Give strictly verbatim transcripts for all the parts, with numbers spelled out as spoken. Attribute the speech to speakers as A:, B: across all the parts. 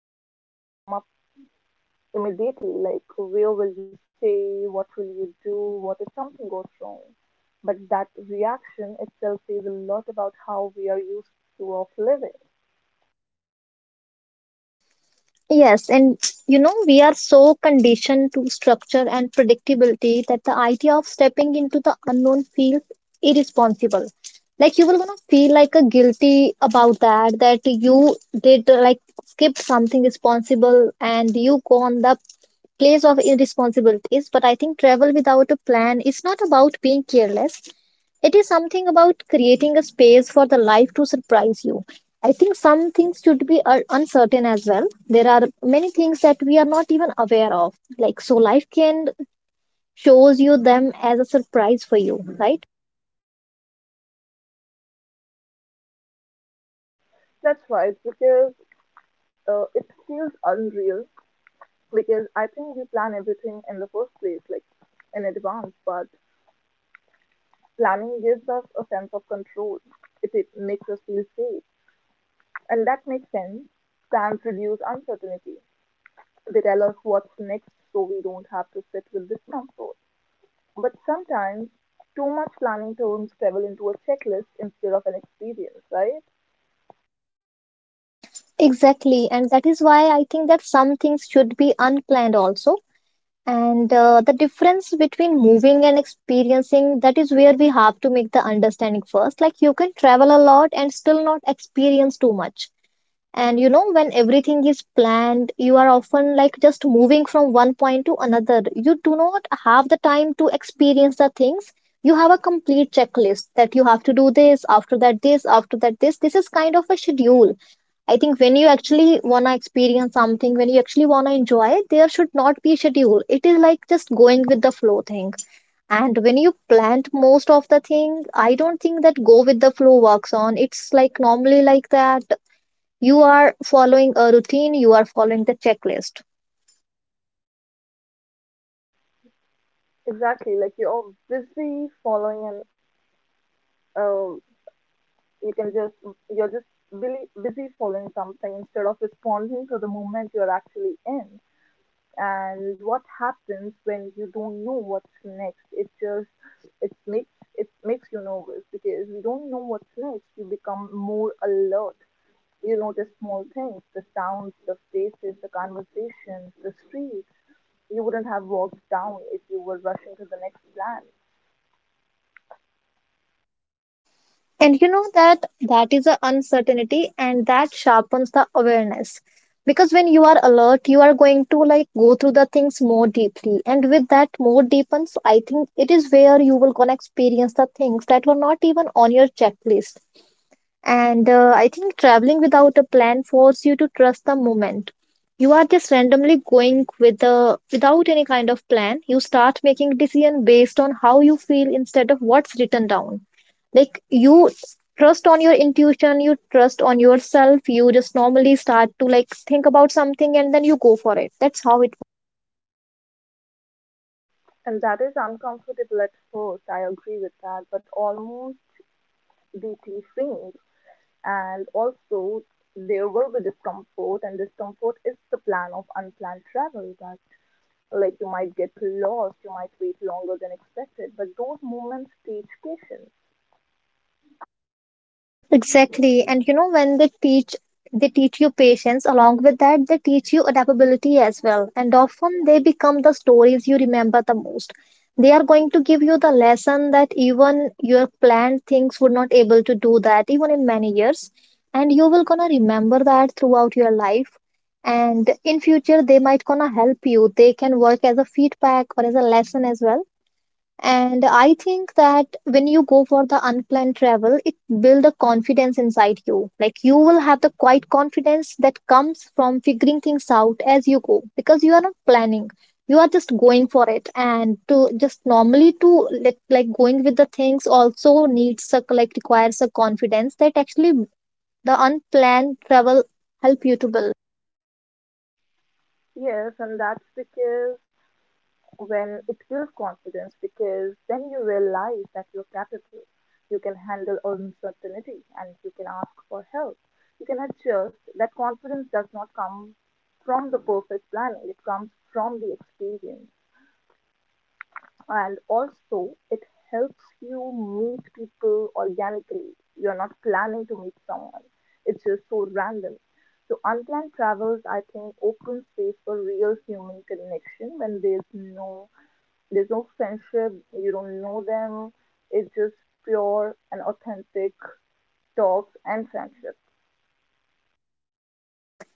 A: Questions come up immediately like, where will you stay? What will you do? What if something goes wrong? But that reaction itself says a lot about how we are used to of living.
B: Yes, and you know, we are so conditioned to structure and predictability that the idea of stepping into the unknown feels irresponsible. Like you will gonna feel like a guilty about that, that you did uh, like skipped something responsible and you go on the place of irresponsibilities. But I think travel without a plan is not about being careless. It is something about creating a space for the life to surprise you. I think some things should be uh, uncertain as well. There are many things that we are not even aware of. Like so life can shows you them as a surprise for you, right?
A: That's right, because uh, it feels unreal because I think we plan everything in the first place, like in advance. But planning gives us a sense of control. It, it makes us feel safe, and that makes sense. Plans reduce uncertainty. They tell us what's next, so we don't have to sit with discomfort. But sometimes too much planning turns travel into a checklist instead of an experience, right?
B: Exactly. And that is why I think that some things should be unplanned also. And uh, the difference between moving and experiencing, that is where we have to make the understanding first. Like you can travel a lot and still not experience too much. And you know, when everything is planned, you are often like just moving from one point to another. You do not have the time to experience the things. You have a complete checklist that you have to do this, after that, this, after that, this. This is kind of a schedule. I think when you actually want to experience something, when you actually want to enjoy, there should not be a schedule. It is like just going with the flow thing. And when you plant most of the thing, I don't think that go with the flow works on. It's like normally like that you are following a routine, you are following the checklist,
A: Exactly, like you're busy following an uh, you can just you're just really busy following something instead of responding to the moment you're actually in. And what happens when you don't know what's next, it just it makes it makes you nervous because you don't know what's next. You become more alert, you notice small things, the sounds, the faces, the conversations, the streets you wouldn't have walked down if you were rushing to the next plan.
B: and you know that that is an uncertainty and that sharpens the awareness because when you are alert you are going to like go through the things more deeply, and with that more deepens I think it is where you will gonna experience the things that were not even on your checklist. And uh, I think traveling without a plan forces you to trust the moment. You are just randomly going with a, without any kind of plan. You start making decision based on how you feel instead of what's written down. Like you trust on your intuition, you trust on yourself. You just normally start to like think about something and then you go for it. That's how it.
A: And that is uncomfortable at first, I agree with that, but almost deeply faint. And also there will be discomfort, and discomfort is the plan of unplanned travel, that like you might get lost, you might wait longer than expected, but those moments teach patience.
B: Exactly. And you know, when they teach, they teach you patience. Along with that, they teach you adaptability as well. And often they become the stories you remember the most. They are going to give you the lesson that even your planned things would not able to do that even in many years. And you will gonna remember that throughout your life. And in future, they might gonna help you. They can work as a feedback or as a lesson as well, and I think that when you go for the unplanned travel, it builds a confidence inside you. Like you will have the quiet confidence that comes from figuring things out as you go because you are not planning. You are just going for it. And to just normally to like, like going with the things also needs a like requires a confidence that actually the unplanned travel help you to build.
A: Yes, and that's because when it builds confidence, because then you realize that you're capable, you can handle uncertainty and you can ask for help, you can adjust. That confidence does not come from the perfect planning, it comes from the experience. And also it helps you meet people organically. You're not planning to meet someone. It's just so random. So unplanned travels, I think, open space for real human connection when there's no there's no friendship. You don't know them. It's just pure and authentic talks and friendship.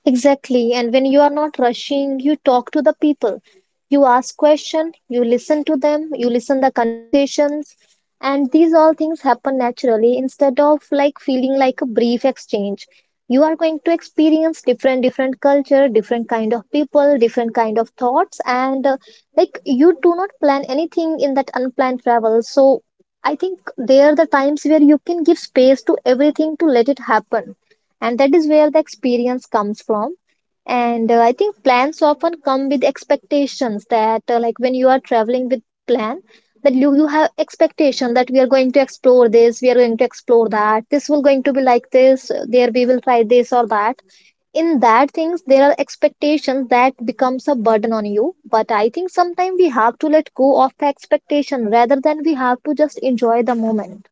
B: Exactly. And when you are not rushing, you talk to the people. You ask questions, you listen to them, you listen the conversations. And these all things happen naturally instead of like feeling like a brief exchange. You are going to experience different different culture, different kind of people, different kind of thoughts, and uh, like you do not plan anything in that unplanned travel. So I think there are the times where you can give space to everything to let it happen, and that is where the experience comes from. And uh, I think plans often come with expectations that uh, like when you are traveling with plan, that you, you have expectation that we are going to explore this, we are going to explore that, this will going to be like this, uh, there we will try this or that. In that things there are expectations that becomes a burden on you, but I think sometimes we have to let go of the expectation rather than we have to just enjoy the moment.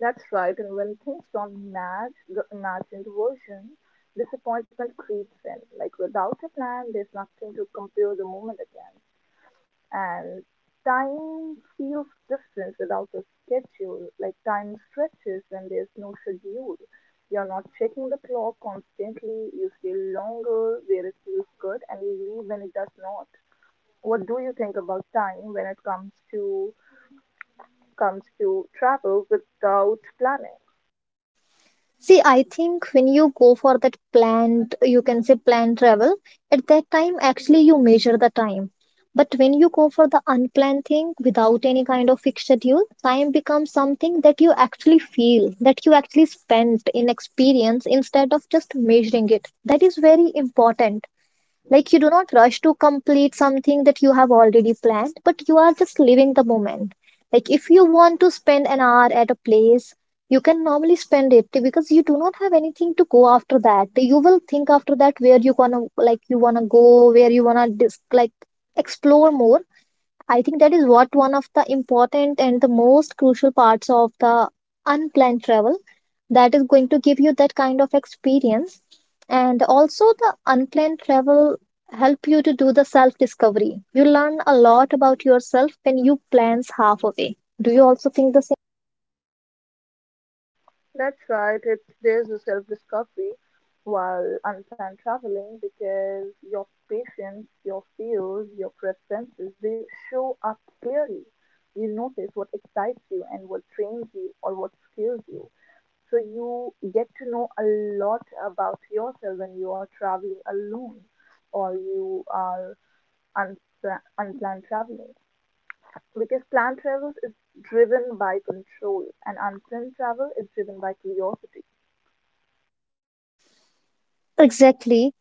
A: That's right, and when things don't match the imagined version, disappointment creeps in. Like without a plan, there's nothing to compare the moment against. And time feels different without a schedule. Like time stretches when there's no schedule. You're not checking the clock constantly, you stay longer where it feels good, and you leave when it does not. What do you think about time when it comes to comes to travel without planning?
B: See, I think when you go for that planned, you can say planned travel, at that time, actually, you measure the time. But when you go for the unplanned thing without any kind of fixed schedule, time becomes something that you actually feel, that you actually spend in experience instead of just measuring it. That is very important. Like you do not rush to complete something that you have already planned, but you are just living the moment. Like if you want to spend an hour at a place, you can normally spend it because you do not have anything to go after that. You will think after that where you gonna like you wanna go, where you wanna dis- like explore more. I think that is what one of the important and the most crucial parts of the unplanned travel, that is going to give you that kind of experience. And also the unplanned travel help you to do the self discovery. You learn a lot about yourself when you plans half away. Do you also think the same?
A: That's right. It there's a self-discovery while unplanned traveling because your patience, your fears, your preferences, they show up clearly. You notice what excites you and what trains you or what scares you. So you get to know a lot about yourself when you are traveling alone or you are unpla- unplanned traveling. Because planned travel is driven by control and unplanned travel is driven by curiosity.
B: Exactly.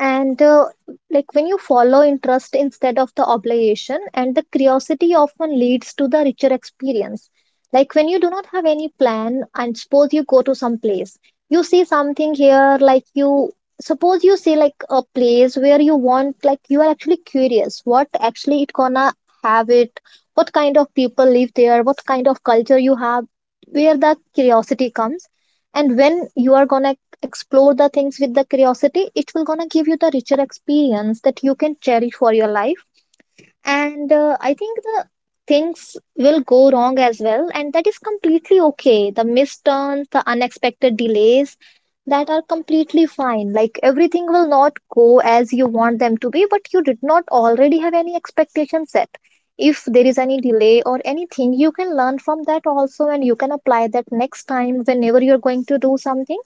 B: And uh, like when you follow interest instead of the obligation, and the curiosity often leads to the richer experience. Like when you do not have any plan, and suppose you go to some place, you see something here, like you suppose you see like a place where you want, like you are actually curious what actually it gonna have it, what kind of people live there, what kind of culture you have, where the curiosity comes, and when you are gonna explore the things with the curiosity it will gonna give you the richer experience that you can cherish for your life. And uh, I think the things will go wrong as well, and that is completely okay. The misturns, the unexpected delays, that are completely fine. Like everything will not go as you want them to be, but you did not already have any expectation set. If there is any delay or anything you can learn from that also, and you can apply that next time whenever you're going to do something.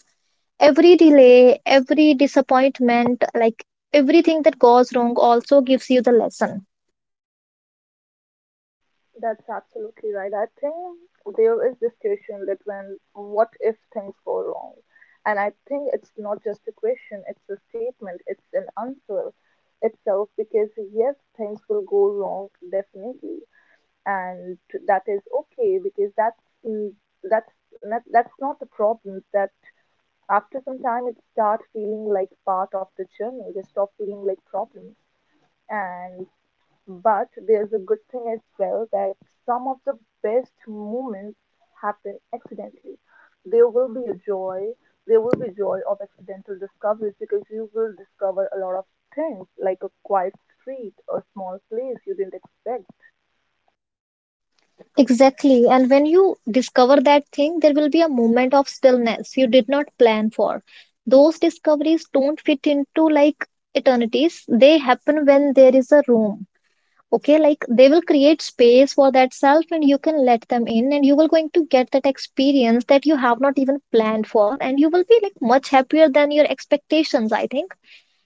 B: Every delay, every disappointment, like everything that goes wrong also gives you the lesson.
A: That's absolutely right. I think there is this question that when what if things go wrong? And I think it's not just a question, it's a statement, it's an answer itself because yes, things will go wrong definitely. And that is okay because that's mm, that's not, that's not the problem, that after some time it starts feeling like part of the journey. They stop feeling like problems. And but there's a good thing as well, that some of the best moments happen accidentally. There will be a joy, there will be joy of accidental discoveries because you will discover a lot of things like a quiet street, a small place you didn't expect.
B: Exactly, and when you discover that thing there will be a moment of stillness you did not plan for. Those discoveries don't fit into like eternities. They happen when there is a room. Okay, like they will create space for that self and you can let them in, and you will going to get that experience that you have not even planned for, and you will be like much happier than your expectations, I think.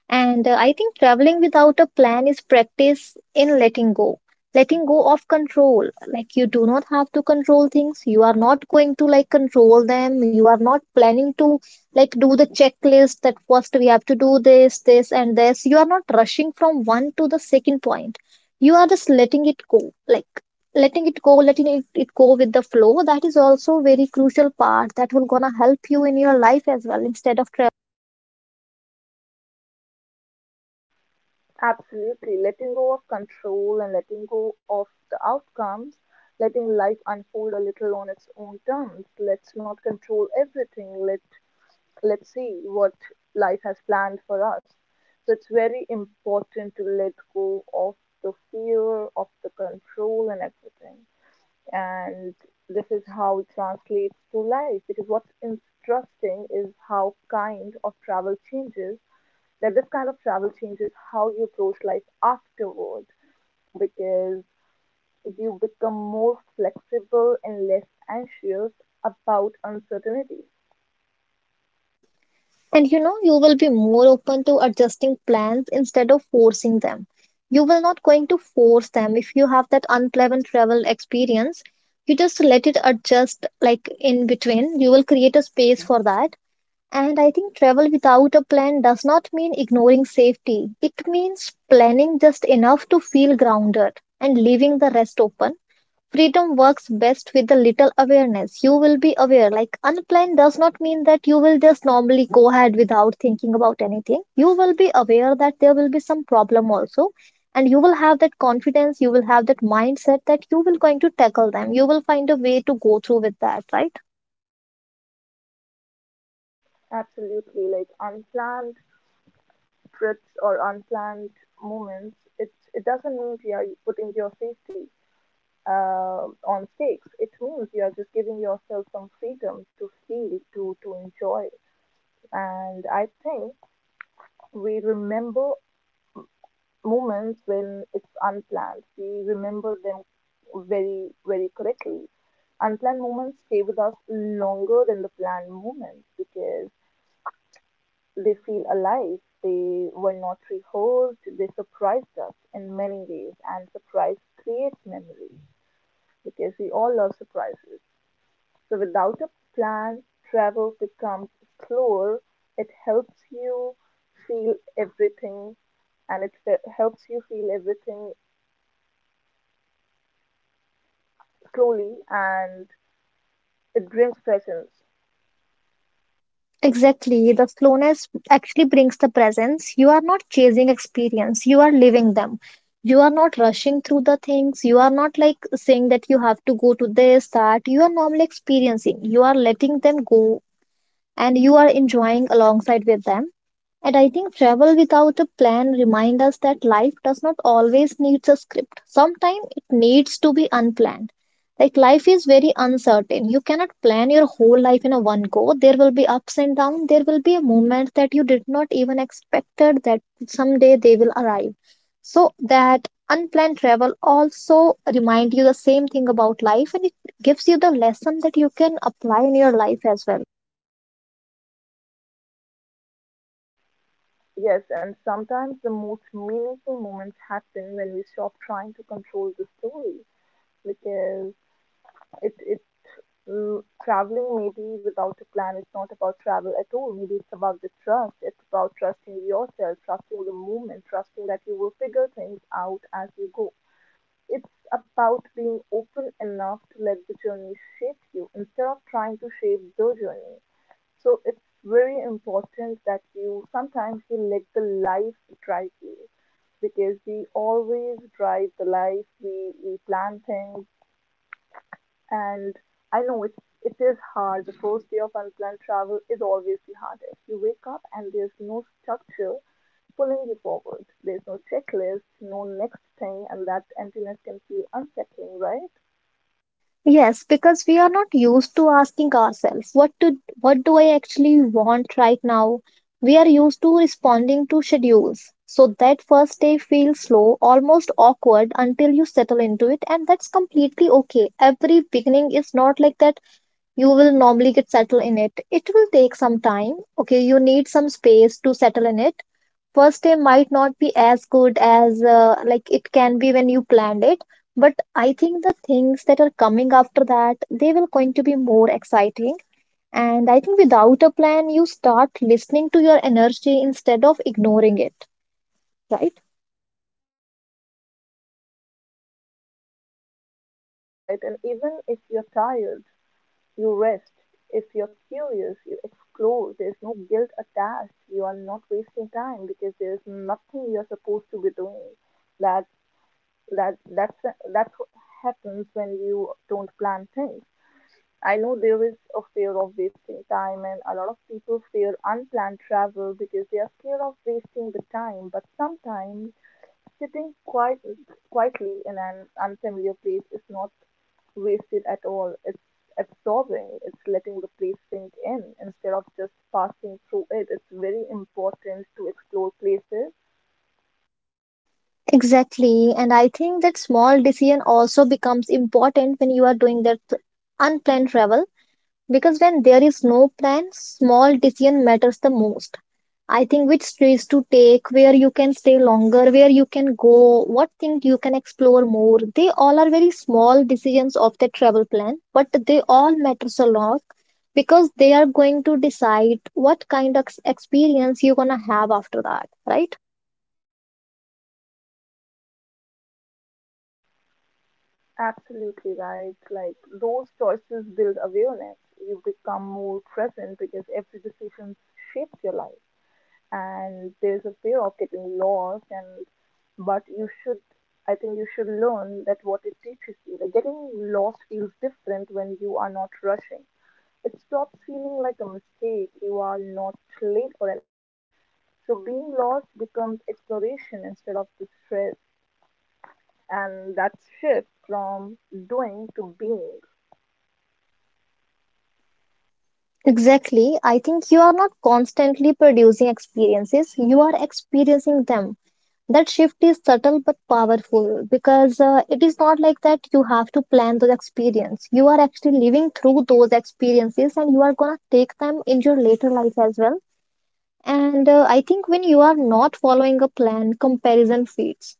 B: And uh, I think traveling without a plan is practice in letting go, letting go of control. Like you do not have to control things. You are not going to like control them. You are not planning to like do the checklist that first we have to do this, this, and this. You are not rushing from one to the second point. You are just letting it go, like letting it go, letting it, it go with the flow. That is also very crucial part that will gonna help you in your life as well instead of traveling.
A: Absolutely. Letting go of control and letting go of the outcomes, letting life unfold a little on its own terms. Let's not control everything. Let let's see what life has planned for us. So it's very important to let go of the fear, of the control and everything, and this is how it translates to life, because what's interesting is how kind of travel changes that, this kind of travel changes how you approach life afterward, because you become more flexible and less anxious about uncertainty.
B: And you know, you will be more open to adjusting plans instead of forcing them. You will not going to force them. If you have that unpleasant travel experience, you just let it adjust like in between. You will create a space for that. And I think travel without a plan does not mean ignoring safety. It means planning just enough to feel grounded and leaving the rest open. Freedom works best with a little awareness. You will be aware. Like unplanned does not mean that you will just normally go ahead without thinking about anything. You will be aware that there will be some problem also. And you will have that confidence, you will have that mindset that you will going to tackle them. You will find a way to go through with that, right?
A: Absolutely, like unplanned trips or unplanned moments, it, it doesn't mean you are putting your safety um, on stakes, it means you are just giving yourself some freedom to feel, to to enjoy. And I think we remember moments when it's unplanned. We remember them very very correctly. Unplanned moments stay with us longer than the planned moments because they feel alive. They were not rehearsed. They surprised us in many ways, and surprise creates memory because we all love surprises. So without a plan, travel becomes slower. It helps you feel everything, and it fe- helps you feel everything slowly, and it brings presence.
B: Exactly. The slowness actually brings the presence. You are not chasing experience, you are living them. You are not rushing through the things. You are not like saying that you have to go to this, that. You are normally experiencing. You are letting them go and you are enjoying alongside with them. And I think travel without a plan reminds us that life does not always need a script. Sometimes it needs to be unplanned. Like life is very uncertain. You cannot plan your whole life in a one go. There will be ups and downs. There will be a moment that you did not even expected that someday they will arrive. So that unplanned travel also remind you the same thing about life, and it gives you the lesson that you can apply in your life as well.
A: Yes, and sometimes the most meaningful moments happen when we stop trying to control the story because it it mm, traveling maybe without a plan is not about travel at all. Maybe it's about the trust. It's about trusting yourself, trusting the movement, trusting that you will figure things out as you go. It's about being open enough to let the journey shape you instead of trying to shape the journey. So it's very important that you sometimes you let the life drive you, because we always drive the life, we, we plan things. And I know it, it is hard. The first day of unplanned travel is always the hardest. You wake up and there's no structure pulling you forward. There's no checklist, no next thing, and that emptiness can feel unsettling, right?
B: Yes, because we are not used to asking ourselves what to what do I actually want right now? We are used to responding to schedules. So that first day feels slow, almost awkward until you settle into it, and that's completely okay. Every beginning is not like that. You will normally get settled in it. It will take some time. Okay, you need some space to settle in it. First day might not be as good as uh, like it can be when you planned it, but I think the things that are coming after that, they will going to be more exciting. And I think without a plan you start listening to your energy instead of ignoring it, right?
A: That's right. And even if you're tired, you rest. If you're curious, you explore. There's no guilt attached. You are not wasting time because there's nothing you're supposed to be doing. That that that's that's what happens when you don't plan things. I know there is a fear of wasting time, and a lot of people fear unplanned travel because they are scared of wasting the time. But sometimes sitting quiet, quietly in an unfamiliar place is not wasted at all. It's absorbing, it's letting the place sink in instead of just passing through it. It's very important to explore places.
B: Exactly, and I think that small decision also becomes important when you are doing that unplanned travel. Because when there is no plan, small decision matters the most. I think which streets to take, where you can stay longer, where you can go, what things you can explore more. They all are very small decisions of the travel plan, but they all matter a lot, because they are going to decide what kind of ex- experience you're going to have after that, right?
A: Absolutely right. Like those choices build awareness. You become more present because every decision shapes your life. And there's a fear of getting lost, and but you should I think you should learn that what it teaches you. Like getting lost feels different when you are not rushing. It stops feeling like a mistake. You are not late for anything. So being lost becomes exploration instead of distress, and that shift from doing to being.
B: Exactly. I think you are not constantly producing experiences, you are experiencing them. That shift is subtle but powerful because uh, it is not like that you have to plan those experiences. You are actually living through those experiences, and you are going to take them in your later life as well. And uh, I think when you are not following a plan, comparison fades.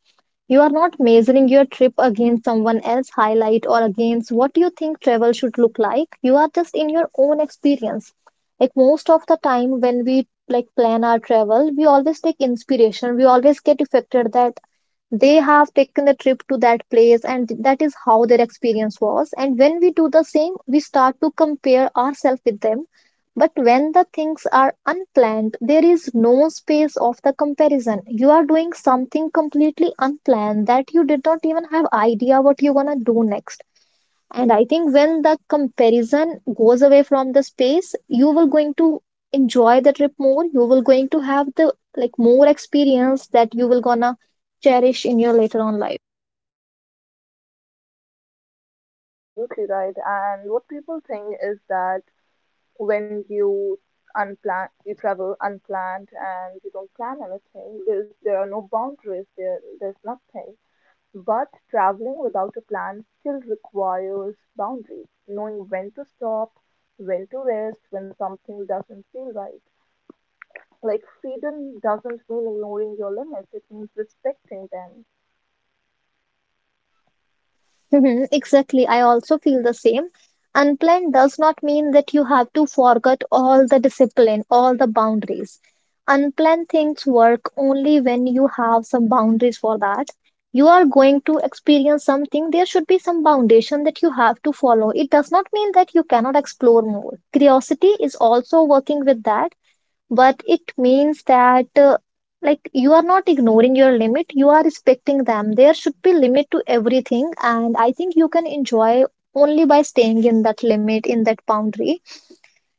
B: You are not measuring your trip against someone else's highlight or against what you think travel should look like. You are just in your own experience. Like most of the time when we like plan our travel, we always take inspiration. We always get affected that they have taken the trip to that place and that is how their experience was. And when we do the same, we start to compare ourselves with them. But when the things are unplanned, there is no space of the comparison. You are doing something completely unplanned that you did not even have idea what you're gonna do next. And I think when the comparison goes away from the space, you will going to enjoy the trip more. You will going to have the like more experience that you will gonna cherish in your later on life.
A: Absolutely right. And what people think is that when you unplan, you travel unplanned and you don't plan anything, there's, there are no boundaries, there, there's nothing. But traveling without a plan still requires boundaries, knowing when to stop, when to rest, when something doesn't feel right. Like freedom doesn't mean ignoring your limits, it means respecting them.
B: Mhm, exactly. I also feel the same. Unplanned does not mean that you have to forget all the discipline, all the boundaries. Unplanned things work only when you have some boundaries for that. You are going to experience something, there should be some foundation that you have to follow. It does not mean that you cannot explore more. Curiosity is also working with that, but it means that uh, like you are not ignoring your limit, you are respecting them. There should be limit to everything, and I think you can enjoy only by staying in that limit, in that boundary.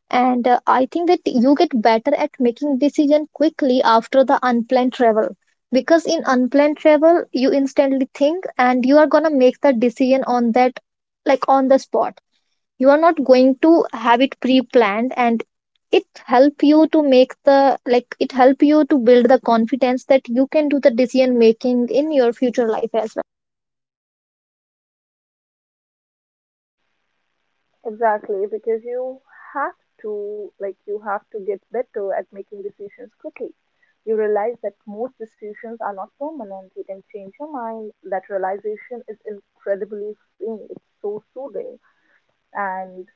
B: And uh, I think that you get better at making decision quickly after the unplanned travel, because in unplanned travel you instantly think and you are going to make the decision on that, like on the spot. You're not going to have it pre-planned, and it help you to make the like it help you to build the confidence that you can do the decision making in your future life as
A: Exactly, because you have to like you have to get better at making decisions quickly. You realize that most decisions are not permanent. You can change your mind. That realization is incredibly freeing. It's so soothing, and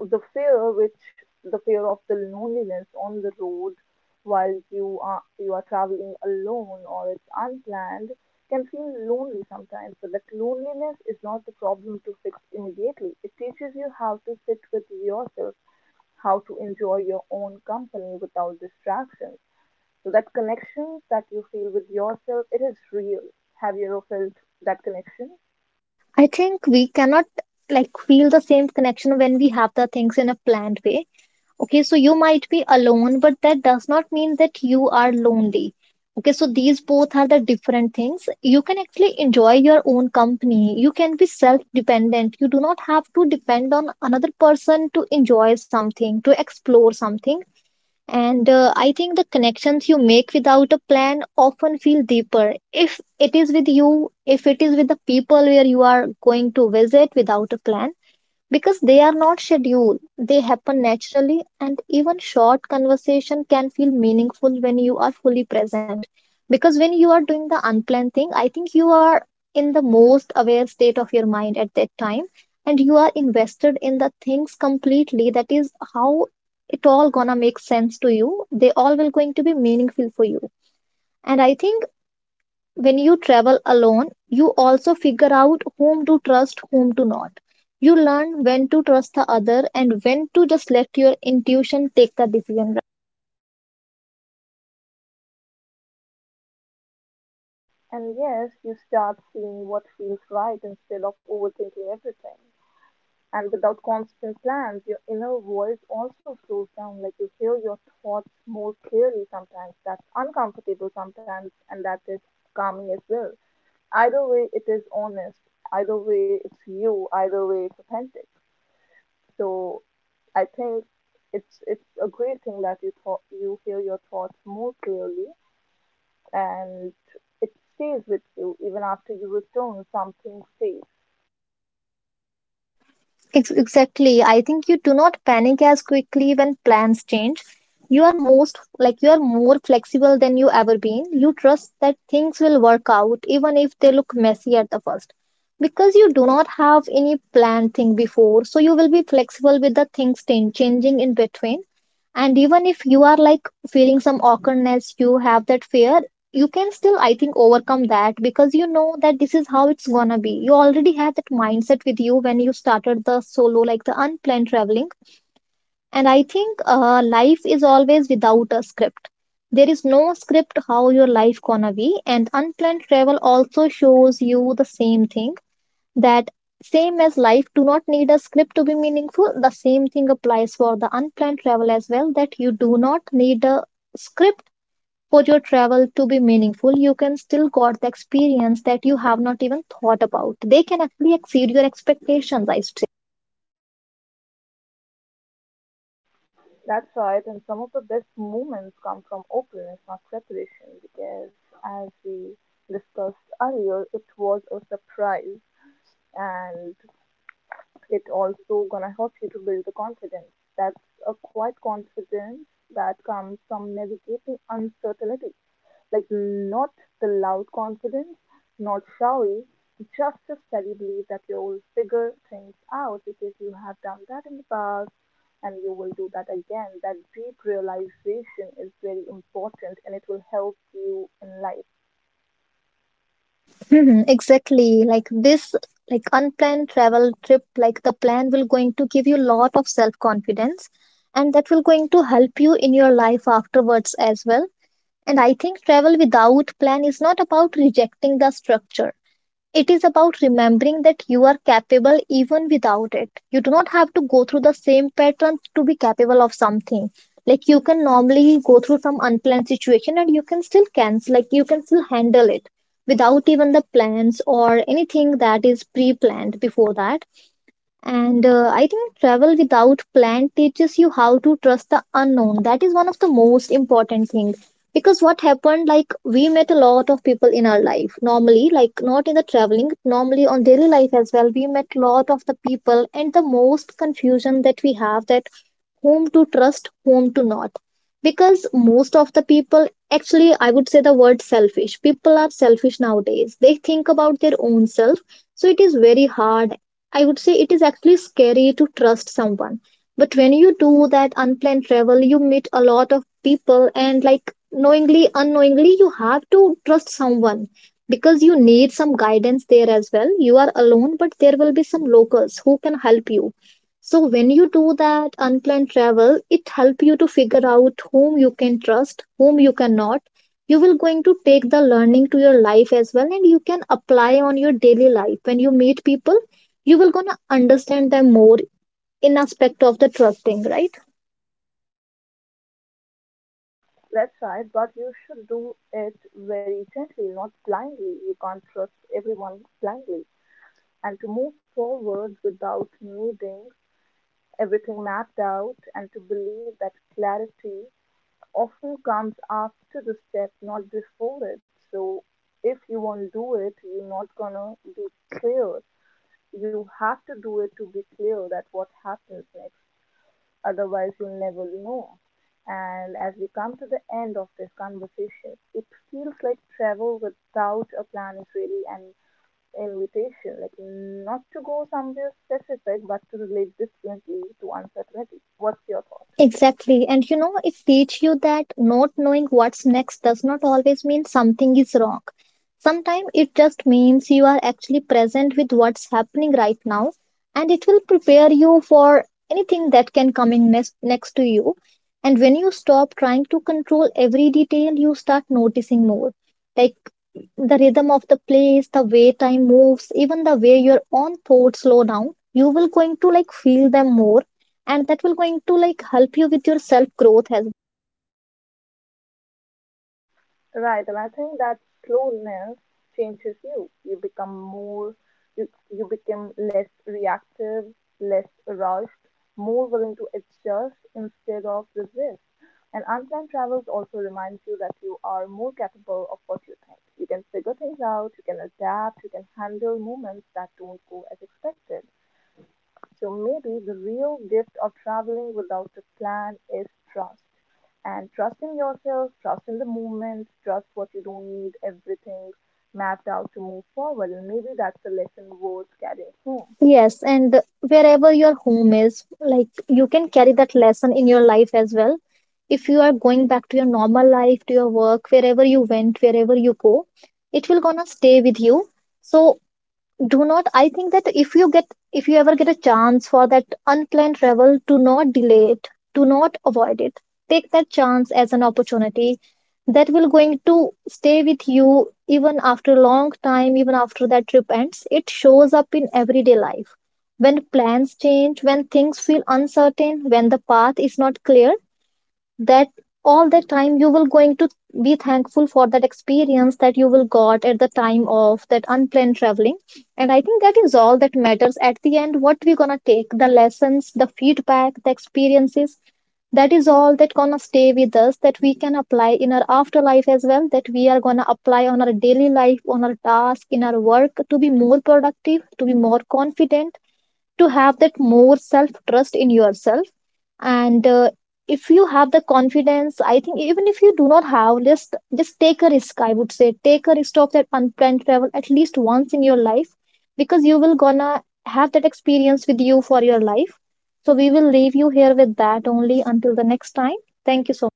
A: the fear which the fear of the loneliness on the road, while you are you are traveling alone or it's unplanned, can feel lonely sometimes, but that loneliness is not the problem to fix immediately. It teaches you how to sit with yourself, how to enjoy your own company without distractions. So that connection that you feel with yourself, it is real. Have you ever felt that connection?
B: well. I think we cannot like feel the same connection when we have the things in a planned way. Okay, so you might be alone, but that does not mean that you are lonely. Okay, so these both are the different things. You can actually enjoy your own company. You can be self dependent. You do not have to depend on another person to enjoy something, to explore something. And uh, I think the connections you make without a plan often feel deeper. If it is with you, if it is with the people where you are going to visit without a plan, because they are not scheduled, they happen naturally, and even short conversation can feel meaningful when you are fully present. Because when you are doing the unplanned thing, I think you are in the most aware state of your mind at that time, and you are invested in the things completely. That is how it all gonna make sense to you. They all will going to be meaningful for you. And I think when you travel alone, you also figure out whom to trust, whom to not. You learn when to trust the other and when to just let your intuition take the decision.
A: And yes, you start seeing what feels right instead of overthinking everything. And without constant plans, your inner voice also slows down. Like you hear your thoughts more clearly sometimes. That's uncomfortable sometimes, and that is calming as well. Either way, it is honest. Either way, it's you. Either way, it's authentic. So I think it's it's a great thing that you thought you hear your thoughts more clearly, and it stays with you even after you return. Something stays.
B: Ex- Exactly. I think you do not panic as quickly when plans change. You are most like you are more flexible than you ever been. You trust that things will work out even if they look messy at the first. Because you do not have any planned thing before, so you will be flexible with the things change- changing in between. And even if you are like feeling some awkwardness, you have that fear, you can still I think overcome that, because you know that this is how it's gonna be. You already have that mindset with you when you started the solo like the unplanned traveling. And I think uh, life is always without a script. There is no script how your life gonna be, and unplanned travel also shows you the same thing. That same as life do not need a script to be meaningful, the same thing applies for the unplanned travel as well. That you do not need a script for your travel to be meaningful. You can still got the experience that you have not even thought about. They can actually exceed your expectations, I say.
A: That's right, and some of the best moments come from openness, not preparation, because as we discussed earlier, it was a surprise, and it also gonna help you to build the confidence. That's a quiet confidence that comes from navigating uncertainty. Like, not the loud confidence, not showy, just a steady belief that you'll figure things out because you have done that in the past and you will do that again. That deep realization is very important and it will help you in life.
B: Mhm, exactly, like this. Like unplanned travel trip like the plan will going to give you lot of self confidence, and that will going to help you in your life afterwards as well. And I think travel without plan is not about rejecting the structure. It is about remembering that you are capable even without it. You do not have to go through the same pattern to be capable of something. Like you can normally go through some unplanned situation and you can still cancel, like you can still handle it without even the plans or anything that is pre planned before that. And uh, I think travel without plan teaches you how to trust the unknown. That is one of the most important things. Because what happened, like we met a lot of people in our life. Normally, like not in the traveling, normally on daily life as well, we met a lot of the people, and the most confusion that we have that whom to trust, whom to not. Because most of the people, actually, I would say the word selfish. People are selfish nowadays. They think about their own self. So it is very hard. I would say it is actually scary to trust someone. But when you do that unplanned travel, you meet a lot of people, and like knowingly, unknowingly, you have to trust someone, because you need some guidance there as well. You are alone, but there will be some locals who can help you. So when you do that unplanned travel, it help you to figure out whom you can trust, whom you cannot. You will going to take the learning to your life as well, and you can apply on your daily life when you meet people. You will gonna understand them more in aspect of the trusting, right?
A: That's right, but you should do it very gently, not blindly. You can't trust everyone blindly. And to move forward without needing everything mapped out, and to believe that clarity often comes after the step, not before it. So if you won't do it, you're not gonna be clear. You have to do it to be clear that what happens next. Otherwise, you'll never know. And as we come to the end of this conversation, it feels like travel without a plan is really an invitation, like not to go somewhere specific, but to relate differently to uncertainty. What's your thought?
B: Exactly, and you know it teach you that not knowing what's next does not always mean something is wrong. Sometimes it just means you are actually present with what's happening right now, and it will prepare you for anything that can come in next, next to you. And when you stop trying to control every detail, you start noticing more, like the rhythm of the place, the way time moves, even the way your own thoughts slow down. You will going to like feel them more, and that will going to like help you with your self growth as
A: Right, and I think that slowness changes you. You become more, you, you become less reactive, less rushed, more willing to adjust instead of resist. And unplanned travels also reminds you that you are more capable of what you think. You can figure things out, you can adapt, you can handle moments that don't go as expected. So maybe the real gift of traveling without a plan is trust. And trust in yourself, trust in the movement, trust what you don't need, everything mapped out to move forward. And maybe that's a lesson worth carrying home.
B: well. Yes, and wherever your home is, like you can carry that lesson in your life as well. If you are going back to your normal life, to your work, wherever you went, wherever you go, it will gonna stay with you. So do not I think that if you get if you ever get a chance for that unplanned travel, do not delay it, do not avoid it. Take that chance as an opportunity. That will going to stay with you even after a long time. Even after that trip ends, it shows up in everyday life. When plans change, when things feel uncertain, when the path is not clear, that all the time you will going to be thankful for that experience that you will got at the time of that unplanned traveling. And I think that is all that matters at the end, what we gonna take, the lessons, the feedback, the experiences. That is all that gonna stay with us, that we can apply in our afterlife as well, that we are gonna apply on our daily life, on our task, in our work, to be more productive, to be more confident, to have that more self trust in yourself. And uh, if you have the confidence, I think even if you do not have, just just take a risk, I would say, take a risk of that unplanned travel at least once in your life, because you will gonna have that experience with you for your life. So we will leave you here with that only until the next time. Thank you so